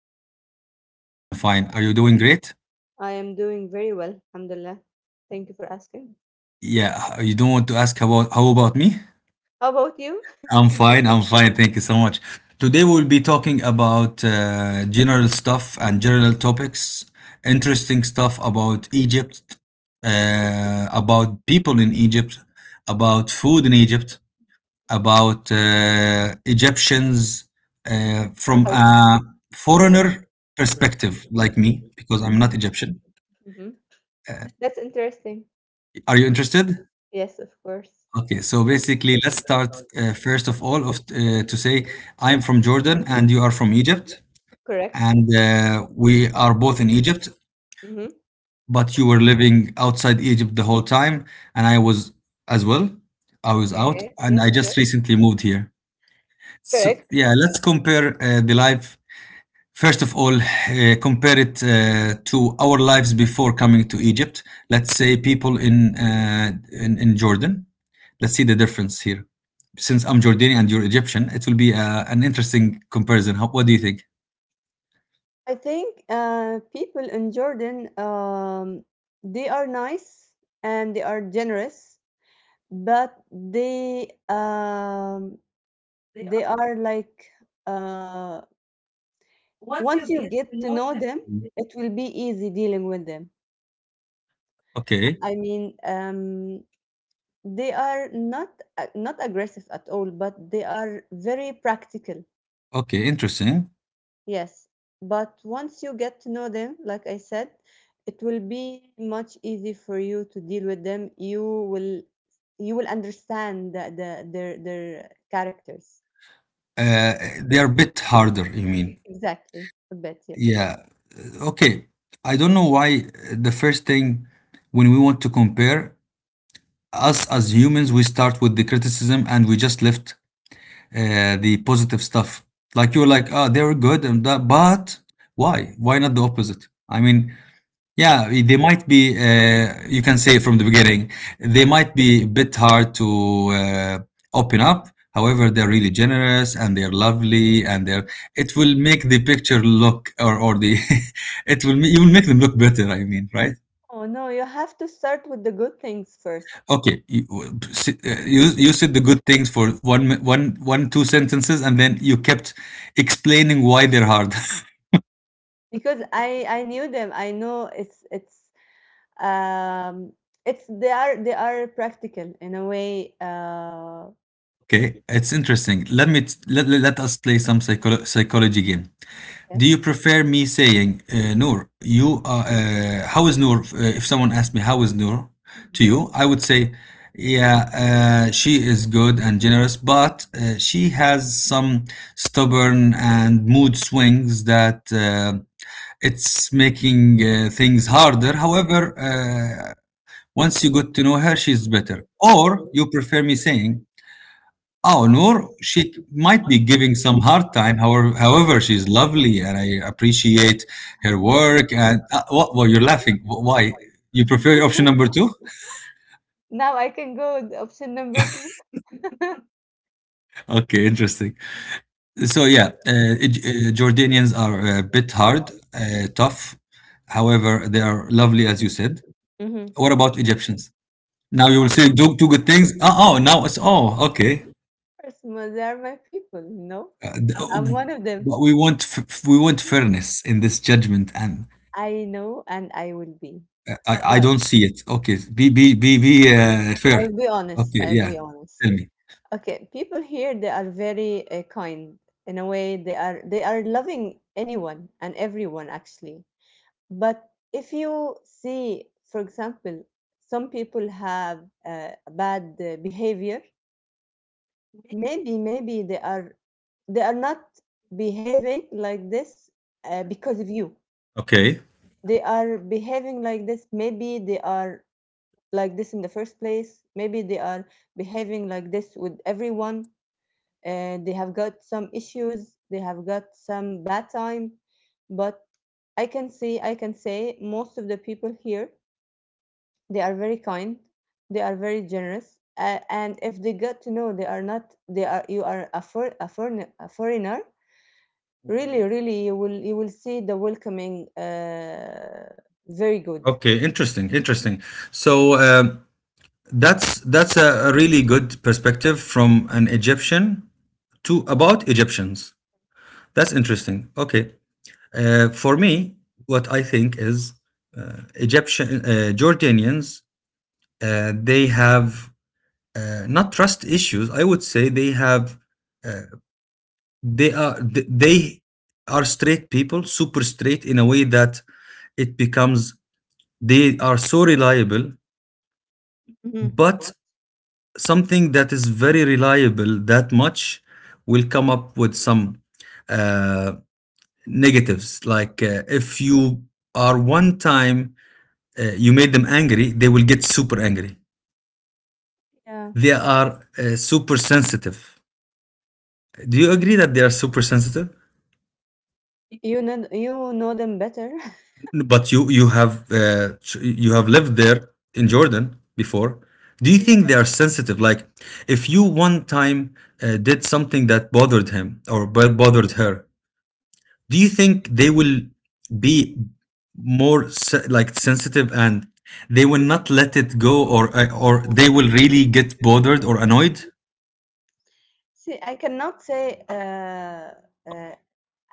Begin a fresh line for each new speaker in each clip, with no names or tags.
How are you?
I'm fine. I'm fine. Are you doing great?
I am doing very well, alhamdulillah. Thank you for asking.
Yeah. You don't want to ask about how about me?
How about you?
I'm fine. I'm fine. Thank you so much. Today we will be talking about general stuff and general topics, interesting stuff about Egypt, about people in Egypt, about food in Egypt. About Egyptians from a foreigner perspective, like me, because I'm not
Mm-hmm.
Egyptian.
Mm-hmm.
Uh,
That's interesting.
are you interested?
Yes, of course.
Okay, so basically, let's start first of all of to say I'm from Jordan and you are from Egypt,
Correct.
and we are both in Egypt,
Mm-hmm.
but you were living outside Egypt the whole time, and I was as well. I was out,
Okay.
and I
Yes,
just
correct.
recently moved here. So
Correct.
yeah, let's compare the life. First of all, compare it to our lives before coming to Egypt. Let's say people in Jordan. Let's see the difference here. Since I'm Jordanian and you're Egyptian, it will be an interesting comparison. What do you think?
I think people in Jordan, they are nice and they are generous, but they are like uh, once you get to know them,
Mm.
it will be easy dealing with them.
Okay,
I mean, they are not not aggressive at all, but they are very practical.
okay, interesting.
Yes, but once you get to know them, like I said, it will be much easy for you to deal with them. Will you will understand the their characters
Uh, they are a bit harder. You mean?
exactly a bit. Yes.
Yeah. Okay. I don't know why the first thing when we want to compare us as humans, we start with the criticism and we just left the positive stuff. Like you're like, ah, they're good and that, but why? Why not the opposite? I mean, yeah, they might be, you can say from the beginning, they might be a bit hard to open up. However, they're really generous and they're lovely and they're, it will make the picture look or you will make them look better, I mean, right?
Oh no, you have to start with the good things first
Okay, you, you said the good things for one, mi- one, one, two sentences and then you kept explaining why they're hard.
because I knew them. I know Um, it's they are practical in a way.
Okay, it's interesting. Let me, t- let, let let us play some psychology game. Do
Okay.
you prefer me saying, Noor, how is Noor? If someone asked me, how is Noor to you? I would say, yeah, she is good and generous, but she has some stubborn and mood swings that it's making things harder. However, once you get to know her, she's better. Or you prefer me saying, Oh, Noor, she might be giving some hard time. However, she's lovely, and I appreciate her work. And what? Well, you're laughing. Why? You prefer option number two?
Now I can go with option number two.
Okay, interesting. So yeah, Jordanians are a bit hard, tough. However, they are lovely, as you said.
Mm-hmm.
What about Egyptians? Now you will say do two good things. Oh, now it's oh okay.
First, they are my people. You know,
Uh,
I'm
th-
one of them.
but we want fairness in this judgment, and
I know, and I will be.
I
But
don't see it. Okay, be fair.
I'll be honest.
Okay,
I'll be
yeah.
honest.
Tell me.
Okay, people here they are very kind. In a way, they are loving anyone and everyone actually. But if you see, for example, some people have bad behavior, maybe they are not behaving like this because of you.
Okay.
They are behaving like this. Maybe they are like this in the first place. Maybe they are behaving like this with everyone. They have got some issues. They have got some bad time, but I can say most of the people here, they are very kind. They are very generous. And if they get to know they are not, they are, you are a foreign, a foreigner. Mhm.
Hmm.
Really, really, you will see the welcoming very good.
Okay. Interesting. Interesting. So that's a really good perspective from an Egyptian to about Egyptians. That's interesting, Okay. For me, what I think is Egyptian Jordanians. They have not trust issues. I would say they have uh, they are th- they are straight people super straight in a way that it becomes they are so reliable
Mhm.
but something that is very reliable that much will come up with some uh, negatives like if you are one time you made them angry. They will get super angry.
Yeah,
They are super sensitive. Do you agree that they are super sensitive?
you know them better.
But you have lived there in Jordan before. Do you think they are sensitive? Like, if you one time did something that bothered him or bothered her, do you think they will be more like sensitive and they will not let it go, or or they will really get bothered or annoyed?
See, uh,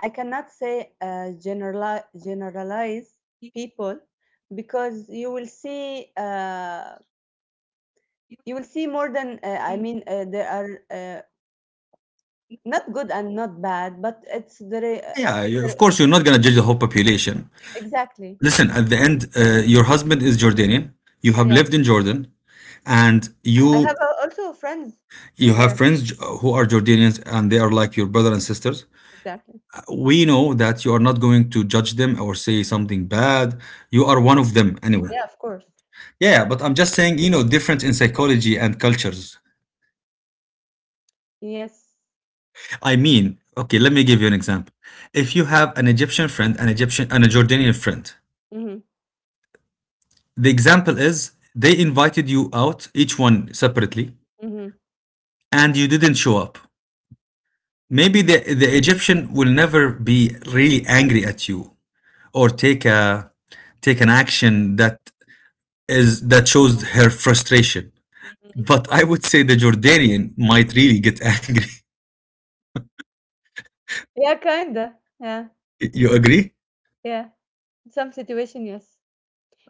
I cannot say generalize people because you will see more than I mean there are not good and not bad, but it's the
Yeah, of
re-
course you're not gonna judge the whole population.
exactly.
Listen, at the end, your husband is Jordanian. You have lived
Yes.
in Jordan, and Oh, you
I have also friends
you have
there.
friends who are Jordanians and they are like your brother and sisters.
Exactly.
We know that you are not going to judge them or say something bad. You are one of them anyway.
Yeah, of course.
Yeah, yeah, but I'm just saying, difference in psychology and cultures.
Yes.
I mean, okay, let me give you an example. If you have an Egyptian friend, an Egyptian and a Jordanian friend,
Mhm.
the example is they invited you out, each one separately,
Mhm.
and you didn't show up. Maybe the Egyptian will never be really angry at you or take an action that shows her frustration.
Mhm.
But I would say the Jordanian might really get angry.
Yeah, kinda. Yeah.
You agree?
Yeah. In some situation, yes.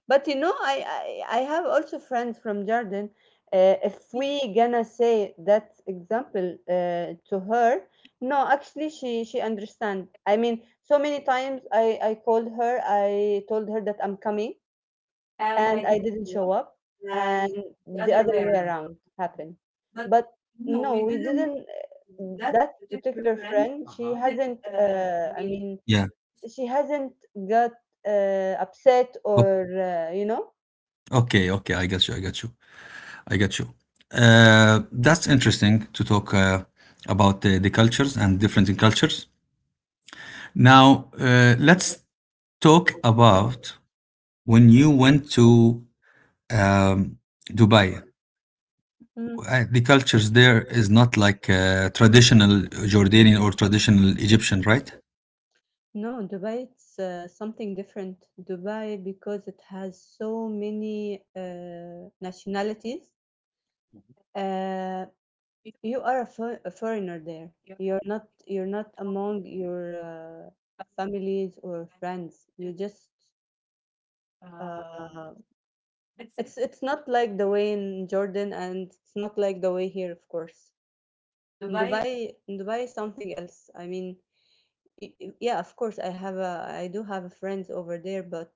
But you know, I have also friends from Jordan. If we gonna say that example to her, no, actually, she understand. I mean, so many times I called her. I told her that I'm coming, and I didn't show up, and the other way around happened. But no, we didn't. That particular friend, she hasn't. I mean,
Yeah.
she hasn't got upset or
O-
uh, you know.
Okay. Okay. I got you. I got you. I got you. That's interesting to talk about the cultures and different in cultures. Now, let's talk about when you went to um, Dubai.
Mm.
The cultures there is not like traditional Jordanian or traditional Egyptian, right?
No, Dubai, it's something different. Dubai, because it has so many nationalities. uh, You are a foreigner there. You're not among your families or friends. You just uh, it's not like the way in Jordan, and it's not like the way here, of course. In Dubai is something else. I mean, yeah, of course I do have friends over there, but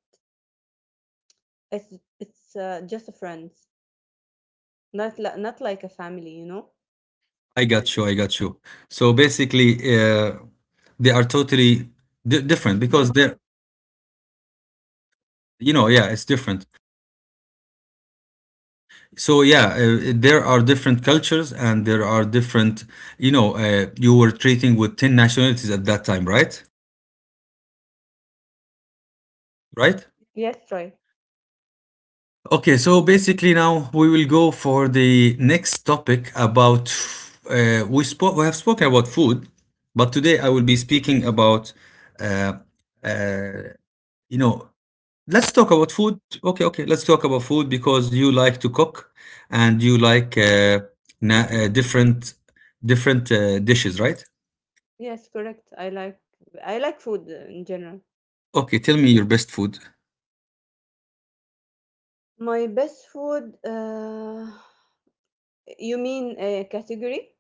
it's it's just a friends, not like a family, you know?
I got you. I got you. So basically, they are totally di different because yeah, it's different. So yeah, there are different cultures and there are different. You were treating with 10 nationalities at that time, right? Right?
Yes, right.
Okay, so basically now we will go for the next topic about we spoke we have spoken about food, but today I will be speaking about uh, uh, you know, let's talk about food. Okay, okay, let's talk about food because you like to cook and you like na- uh, different different dishes, right?
Yes, correct. I like food in general.
Okay, tell me your best food.
My best food, you mean a category?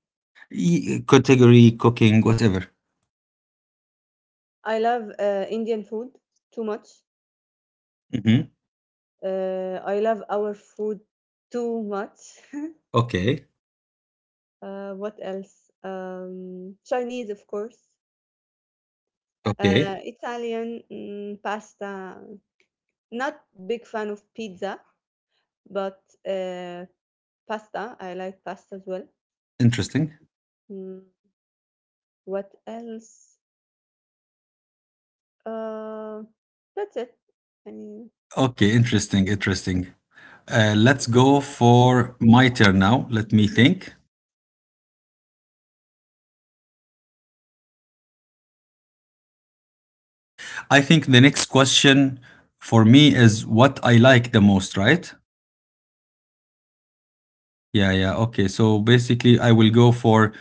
Category, cooking, whatever.
I love Indian food too much.
Hmm.
I love our food too much.
Okay.
What else? Chinese, of course.
Okay.
Italian, pasta. Not big fan of pizza, but uh, pasta. I like pasta as well.
Interesting.
Mm, what else? Uh, that's it. I mean,
Okay, interesting, interesting. Let's go for my turn now. Let me think. I think the next question for me is what I like the most, right? Yeah, yeah. Okay. So basically, I will go for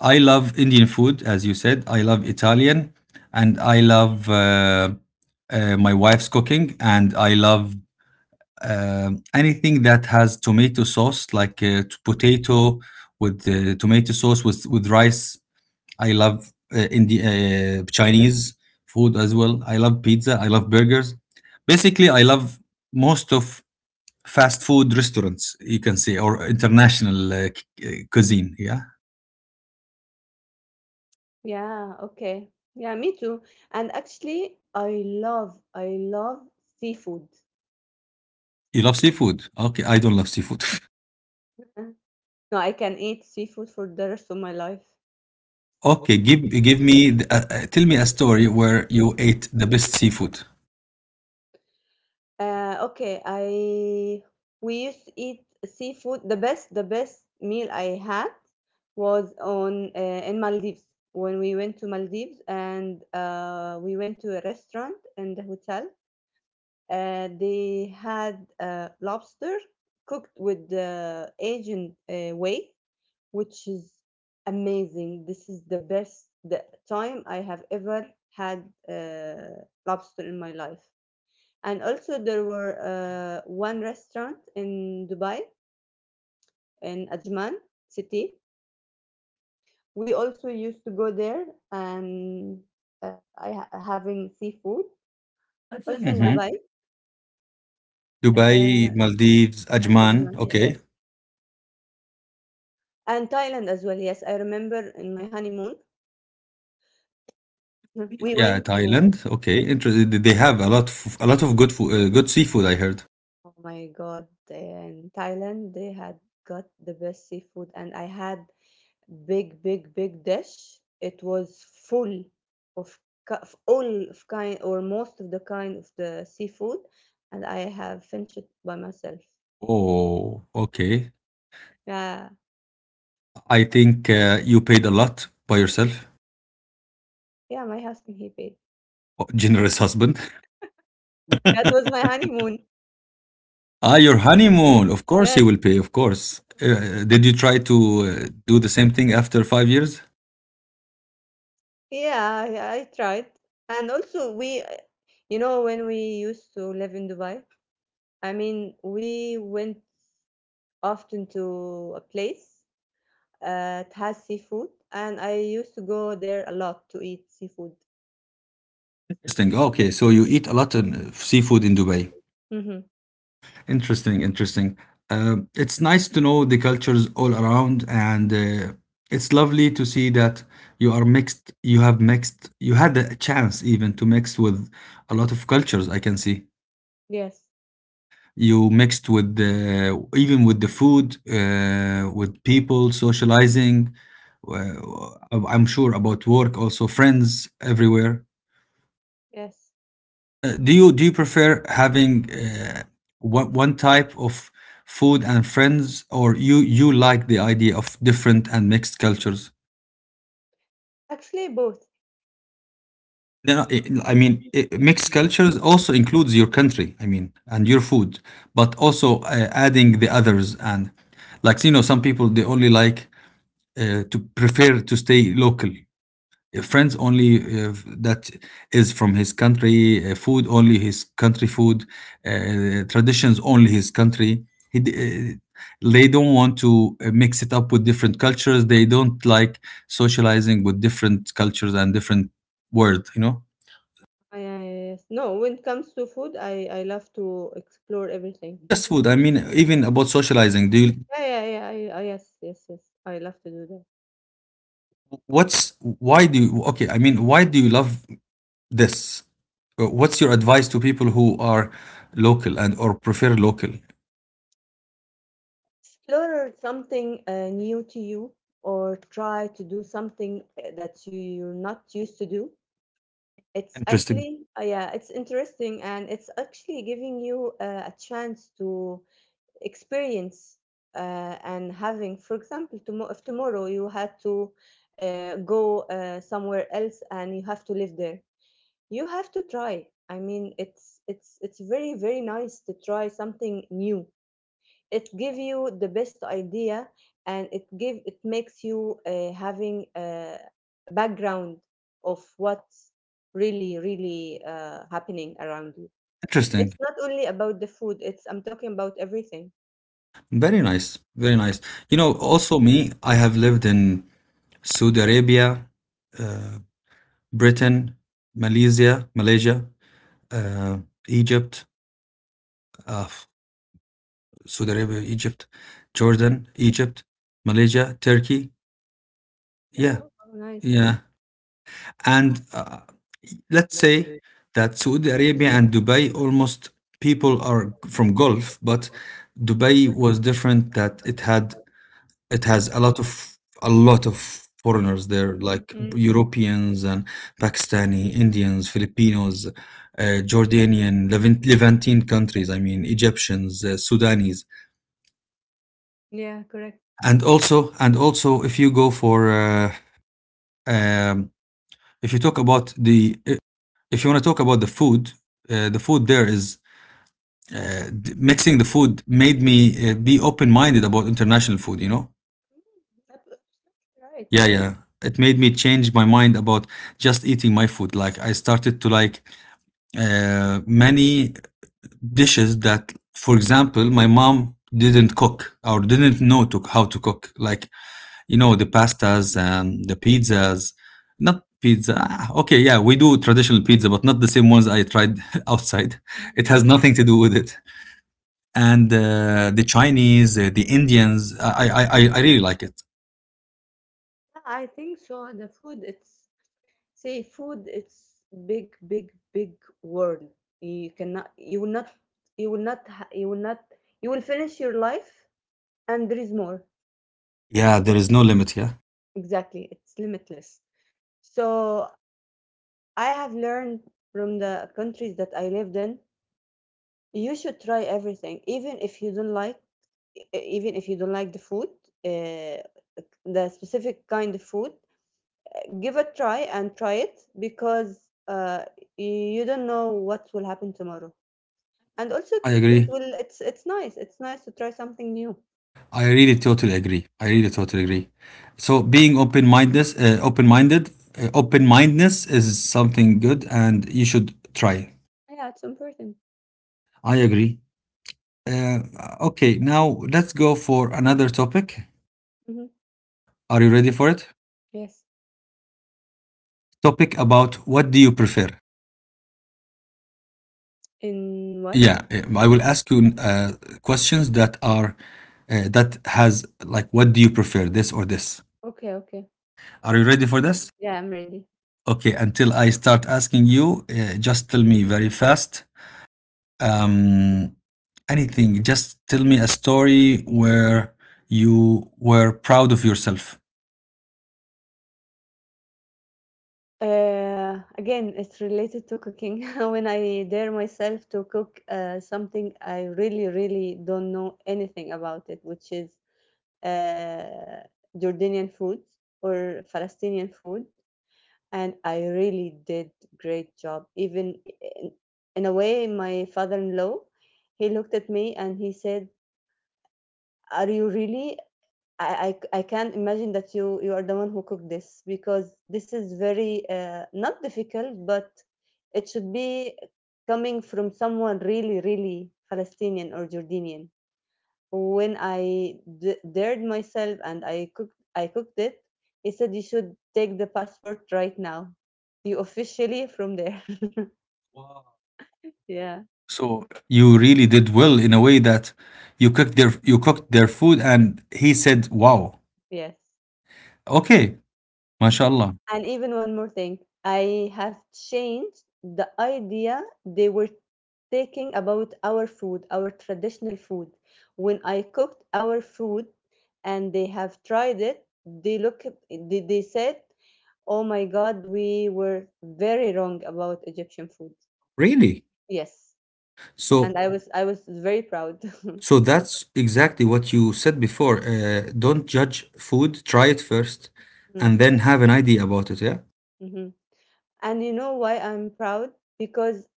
I love Indian food, as you said. I love Italian, and I love my wife's cooking, and I love anything that has tomato sauce, like potato with tomato sauce with rice. I love Chinese food as well. I love pizza. I love burgers. Basically, I love most of fast food restaurants. You can say or international cuisine. Yeah,
Yeah, okay. Yeah, me too. And actually, I love seafood.
you love seafood. Okay, I don't love seafood.
Uh, No, I can eat seafood for the rest of my life.
Okay, tell me a story where you ate the best seafood.
Okay, I we used to eat seafood. The best meal I had was on in Maldives when we went to Maldives, and we went to a restaurant in the hotel. They had lobster cooked with the Asian way, which is amazing. This is the best the time I have ever had lobster in my life. And also, there were one restaurant in Dubai, in Ajman city. We also used to go there and having seafood. Also in
Mhm.
Dubai, uh,
Dubai, Maldives, Ajman.
Ajman,
Okay.
yes, and Thailand as well. Yes, I remember in my honeymoon, we
Yeah,
went to
Thailand. Okay. Interesting. They have a lot of good seafood. I heard.
Oh my God. In Thailand, they had got the best seafood, and I had big, big, big dish. It was full of, of all of kind or most of the kind of the seafood, and I have finished it by myself.
Oh, okay.
Yeah,
I think you paid a lot by yourself.
yeah, my husband he paid.
Oh, generous husband.
That was my honeymoon.
Ah, your honeymoon. Of course, he
Yes,
will pay. Of course. Did you try to do the same thing after 5 years?
yeah, yeah, I tried, and also we, when we used to live in Dubai, I mean, we went often to a place. It has seafood, and I used to go there a lot to eat seafood.
Interesting. Okay, so you eat a lot of seafood in Dubai.
Mhm.
Interesting, interesting. Um it's nice to know the cultures all around, and it's lovely to see that you are mixed. You have mixed. You had a chance even to mix with a lot of cultures. I can see
Yes.
you mixed with the even with the food, with people, socializing. I'm sure about work, also friends everywhere.
Yes.
Do you prefer having one type of food and friends, or you like the idea of different and mixed cultures?
Actually, both.
No, no, I mean mixed cultures also includes your country. I mean, and your food, but also adding the others and like some people they only like to prefer to stay local. Friends only that is from his country, food only his country food, traditions only his country. He, d- uh, they don't want to mix it up with different cultures. They don't like socializing with different cultures and different world.
I No, when it comes to food, I love to explore
Not
everything.
just food. I mean, even about socializing. Do you?
Yeah, yeah, yeah. Yes, yes, yes. I love to do that.
What's why do you? Okay, I mean, why do you love this? What's your advice to people who are local and or prefer local?
Explore something new to you, or try to do something that you're not used to do. It's Mm.
Interesting.
Actually, yeah, it's interesting, and it's actually giving you a chance to experience and having, for example, tomorrow, if tomorrow you had to go somewhere else and you have to live there, you have to try. I mean, it's very very nice to try something new. It gives you the best idea, and it makes you having a background of what's really really happening around you.
Interesting.
It's not only about the food. It's I'm talking about everything.
Very nice. Very nice. You know, also me, I have lived in Saudi Arabia, uh, Britain, Malaysia, uh, Egypt, uh, f- Saudi Arabia, Egypt, Jordan, Egypt, Malaysia, Turkey. Yeah,
Oh, wow, nice.
yeah. And let's say that Saudi Arabia and Dubai almost people are from Gulf, but Dubai was different that it has a lot of foreigners there, like
Mm,
Europeans and Pakistani, Indians, Filipinos, Jordanian, Levantine countries. I mean, Egyptians, Sudanese,
yeah, correct.
and also and also if you go for um, if you talk about the if you want to talk about the food there is. Mixing the food made me be open-minded about international food.
Absolutely right.
Yeah, yeah. It made me change my mind about just eating my food. Like I started to like many dishes that, for example, my mom didn't cook or didn't know to how to cook. Like you know the pastas and the pizzas. Not pizza. Okay, yeah, we do traditional pizza, but not the same ones I tried outside. It
Mm.
has
Yeah,
nothing to do with it. And the Chinese, the Indians. I really like it.
I think so. The food, it's say food, it's big, big, big world. You cannot, you will not, you will not, You will finish your life, and there is more.
Yeah, there is no limit. Yeah,
Exactly, it's limitless. So I have learned from the countries that I lived in, you should try everything, even if you don't like the food, uh, the specific kind of food, give a try and try it because uh, you don't know what will happen tomorrow, and also
I
it
agree.
will it's nice to try something new.
I really totally agree. I really totally agree. So being open-minded, open-mindedness is something good, and you should try.
Yeah, it's important.
I agree. Uh, okay, now let's go for another topic.
Hmm.
Are you ready for it?
Yes.
Topic about what do you prefer?
In what?
Yeah, I will ask you questions that are that has like what do you prefer, this or this?
Yeah. Okay, okay.
Are you ready for this?
Yeah, I'm ready.
Okay, until I start asking you, just tell me very fast um, anything. Just tell me a story where you were proud of yourself.
uh Again, it's related to cooking. When I dare myself to cook something I really really don't know anything about it, which is uh Jordanian food or Palestinian food. And I really did great job. Even in, in a way, my father-in-law, he looked at me and he said, "Are you really? I can't imagine that you are the one who cooked this because this is very not difficult, but it should be coming from someone really, really Palestinian or Jordanian." When I dared myself and I cooked it. He said, "You should take the passport right now. You officially from there." Yeah.
So you really did well in a way that you cooked their food, and he said, "Wow,
Yes.
okay, mashallah."
And even one more thing, I have changed the idea they were taking about our food, our traditional food. When I cooked our food and they have tried it, they look at- they said, "Oh my God, we were very wrong about Egyptian food."
Really?
Yes,
So
and I was very proud.
so that's exactly what you said before. Don't judge food. Try it first,
Mhm,
and then have an idea about it. Yeah.
mhm. And you know why I'm proud? Because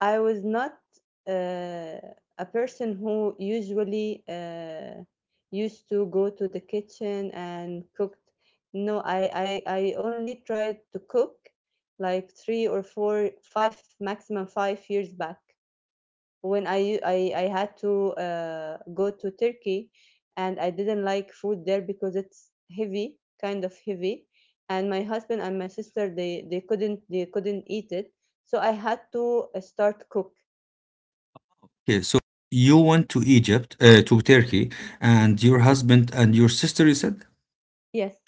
I was not uh, a person who usually used to go to the kitchen and cooked. No, I only tried to cook like 3 or 4, 5 maximum 5 years back. When I had to go to Turkey, and I didn't like food there because it's heavy, kind of heavy, and my husband and my sister they couldn't eat it, so I had to start cook.
Okay. So you went to Egypt, to Turkey, and your husband and your sister. You said
Yes.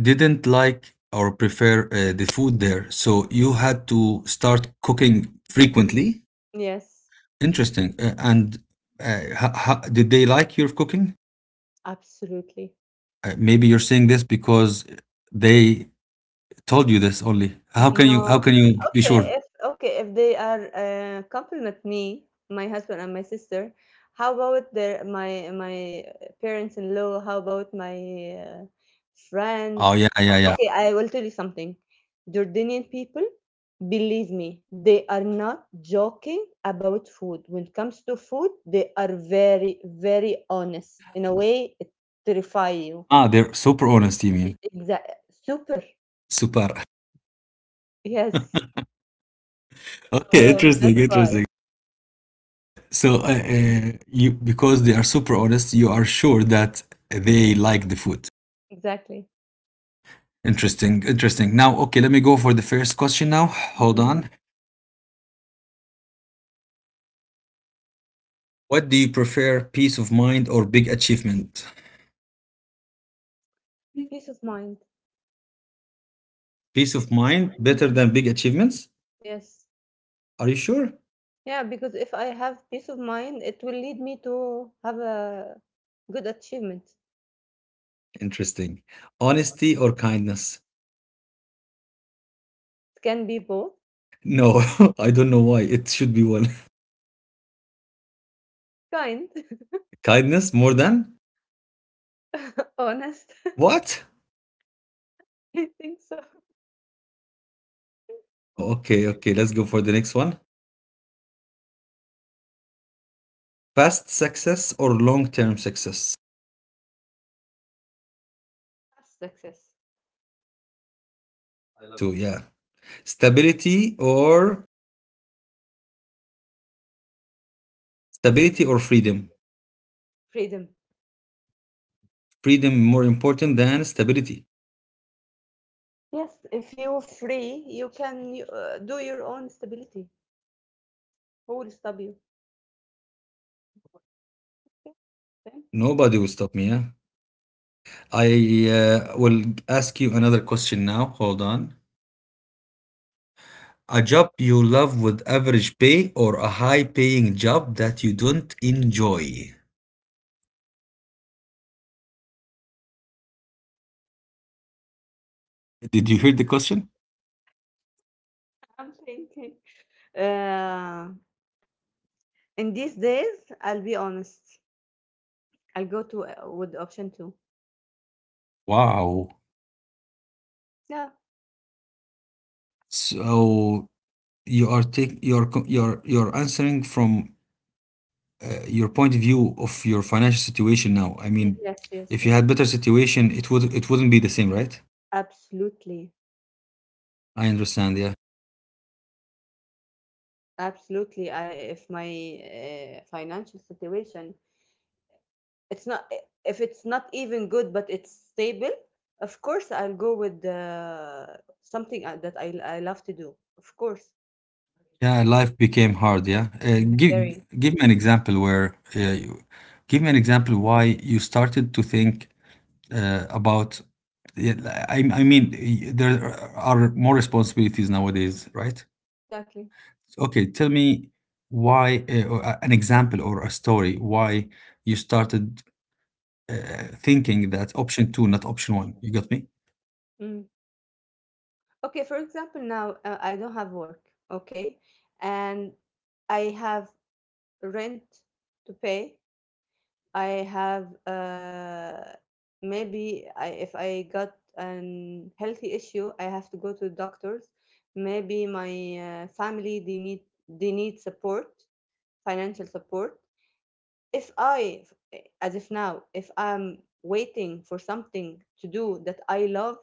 didn't like or prefer the food there. So you had to start cooking
Mm,
frequently.
Yes,
Interesting. Did they like your cooking?
absolutely.
Maybe you're saying this because they told you this only. How can you how
No,
can you be
okay,
sure?
if they are compliment me, my husband and my sister, how about their my my parents-in-law? How about my uh,
Oh
friends?
yeah, yeah, yeah.
Okay, I will tell you something. Jordanian people, believe me, they are not joking about food. When it comes to food, they are very, very honest. In a way, it terrify you.
Ah, they're super honest, you mean.
Exactly. Super.
Super.
Yes.
Okay,
So
interesting,
that's why.
interesting. So you, because they are super honest, you are sure that they like the food.
Exactly.
Interesting, interesting. Now, okay, let me go for the first question now. Hold
Hmm.
on. What do you prefer, peace of mind or big achievement?
Peace of mind.
Peace of mind better than big achievements?
Yes.
Are you sure?
Yeah, because if I have peace of mind, it will lead me to have a good achievement.
Interesting. Honesty or kindness?
It can be both,
No, I don't know why. It should be one.
kind,
Kindness more than?
honest.
What?
I think so.
Wow, okay, okay. Let's go for the next one. Past success or long term success?
That's success,
I love it too, yeah. Stability or stability or freedom?
freedom.
Freedom more important than stability.
Yes, if you're free, you can do your own stability. Who will stop you? Then
Nobody will stop me. Yeah? I will ask you another question now. Hold on. A job you love with average pay or a high paying job that you don't enjoy? Did you hear the question?
I'm thinking. Uh, in these days, I'll be honest. I'll go to with option two.
Wow.
Yeah.
So you are take you're co- you're answering from your point of view of your financial situation now. I mean,
Yes. Yes.
if you
Yes.
had better situation, it would it wouldn't be the same, right?
Absolutely.
I understand. Yeah,
Absolutely. I If my financial situation, it's not if it's not even good, but it's stable. Of course, I'll go with something that I love to do. Of course,
yeah. Life became hard. Yeah.
very
Give me an example where give me an example why you started to think about. Yeah, I mean, there are more responsibilities nowadays, right?
exactly.
Okay, tell me why an example or a story why you started thinking that option 2, not option 1. You got me?
Mm. Okay, for example, now I don't have work, okay, and I have rent to pay. I have maybe I, if I got an healthy issue, I have to go to doctors. Maybe my family they need support, financial support. If I, As if now, if I'm waiting for something to do that I love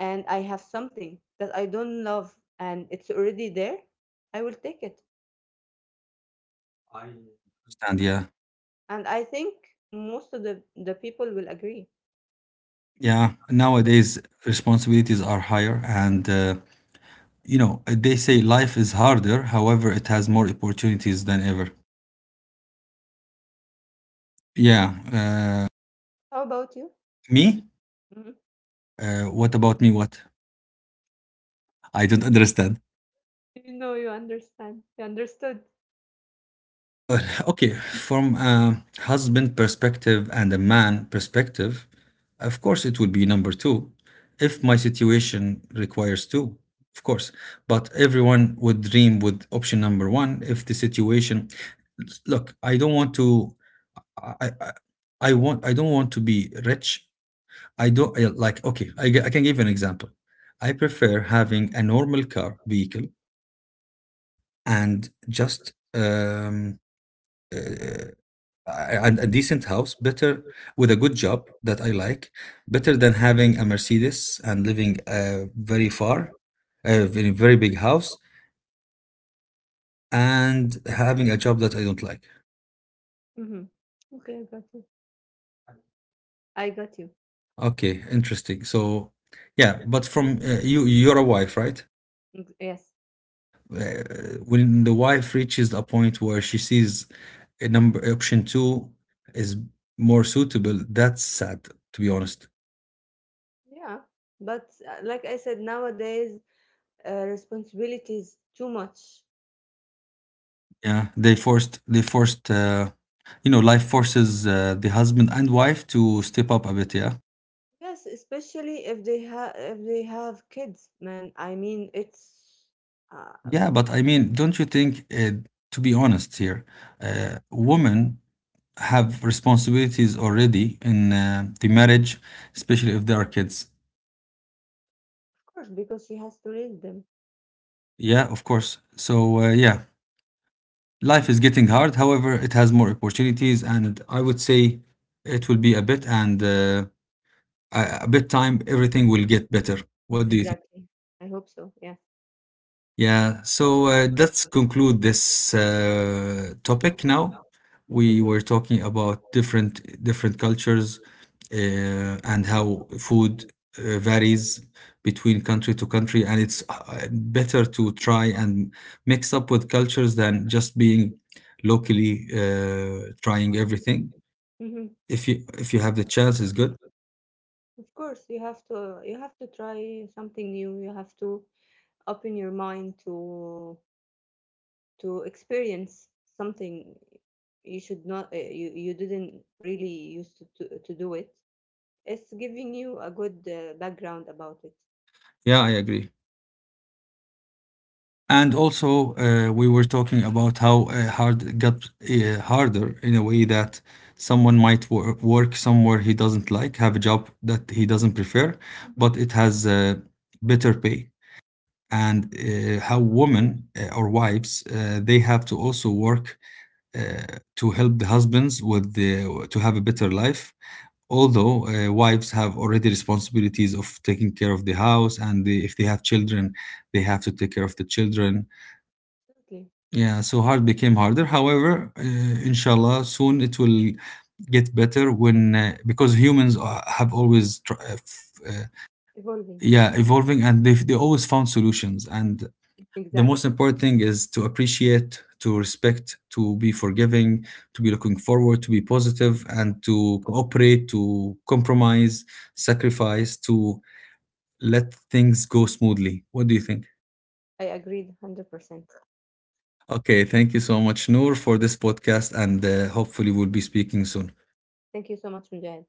and I have something that I don't love and it's already there, I will take it.
And yeah,
And I think most of the people will agree.
yeah. Nowadays, responsibilities are higher, and you know they say life is harder. However, it has more opportunities than ever. Yeah.
How about you?
Me?
Mm-hmm.
What about me? What? I don't understand. Yeah, okay. From a husband perspective and a man perspective, of course it would be number two if my situation requires two, of course. But everyone would dream with option number one if the situation. Look, I don't want to. I want. I don't want to be rich. I don't I- like. Okay, I can give you an example. I prefer having a normal car vehicle and just uh, and a decent house better with a good job that I like better than having a Mercedes and living very far in a very big house and having a job that I don't like.
Mm-hmm. Okay, I got you. I got you.
Okay, interesting. So yeah, but from you, you're a wife, right?
Yes.
Uh, when the wife reaches a point where she sees a number option two is more suitable, that's sad to be honest.
Yeah. But like I said, nowadays responsibility too much.
Yeah, they forced you know, life forces the husband and wife to step up a bit, yeah?
Yes, especially if they have kids, man. I mean, it's uh,
Yeah, but I mean, don't you think, to be honest here, women have responsibilities already in the marriage, especially if there are kids?
of course because she has to raise them.
Yeah, of course. So, yeah, life is getting hard. However, it has more opportunities, and I would say it will be a bit and a bit time, everything will get better. What do you think?
Exactly. I hope so. Yes.
Yeah, so let's conclude this topic now. We
Mm-hmm.
were talking about different cultures and how food varies between country to country, and it's better to try and mix up with cultures than just being locally trying everything.
Mm-hmm.
If you have the chance, it's good.
Of course, you have to try something new. You have to open your mind to experience something you should not you didn't really used to, to do it. It's giving you a good background about it.
Yeah, I agree. And also, we were talking about how hard it got harder in a way that someone might work somewhere he doesn't like, have a job that he doesn't prefer, but it has better pay. And how women or wives they have to also work to help the husbands with the, to have a better life. Although wives have already responsibilities of taking care of the house, and they, if they have children, they have to take care of the children,
Absolutely,
yeah, so hard became harder. However, inshallah, soon it will get better when because humans have always tr- f-
evolving.
yeah, evolving, and they always found solutions. And the most
Exactly.
important thing is to appreciate, to respect, to be forgiving, to be looking forward, to be positive, and to cooperate, to compromise, sacrifice, to let things go smoothly. What do you think?
I agreed 100%.
Okay, thank you so much, Noor, for this podcast, and hopefully, we'll be speaking soon.
Thank you so much, Mujahid.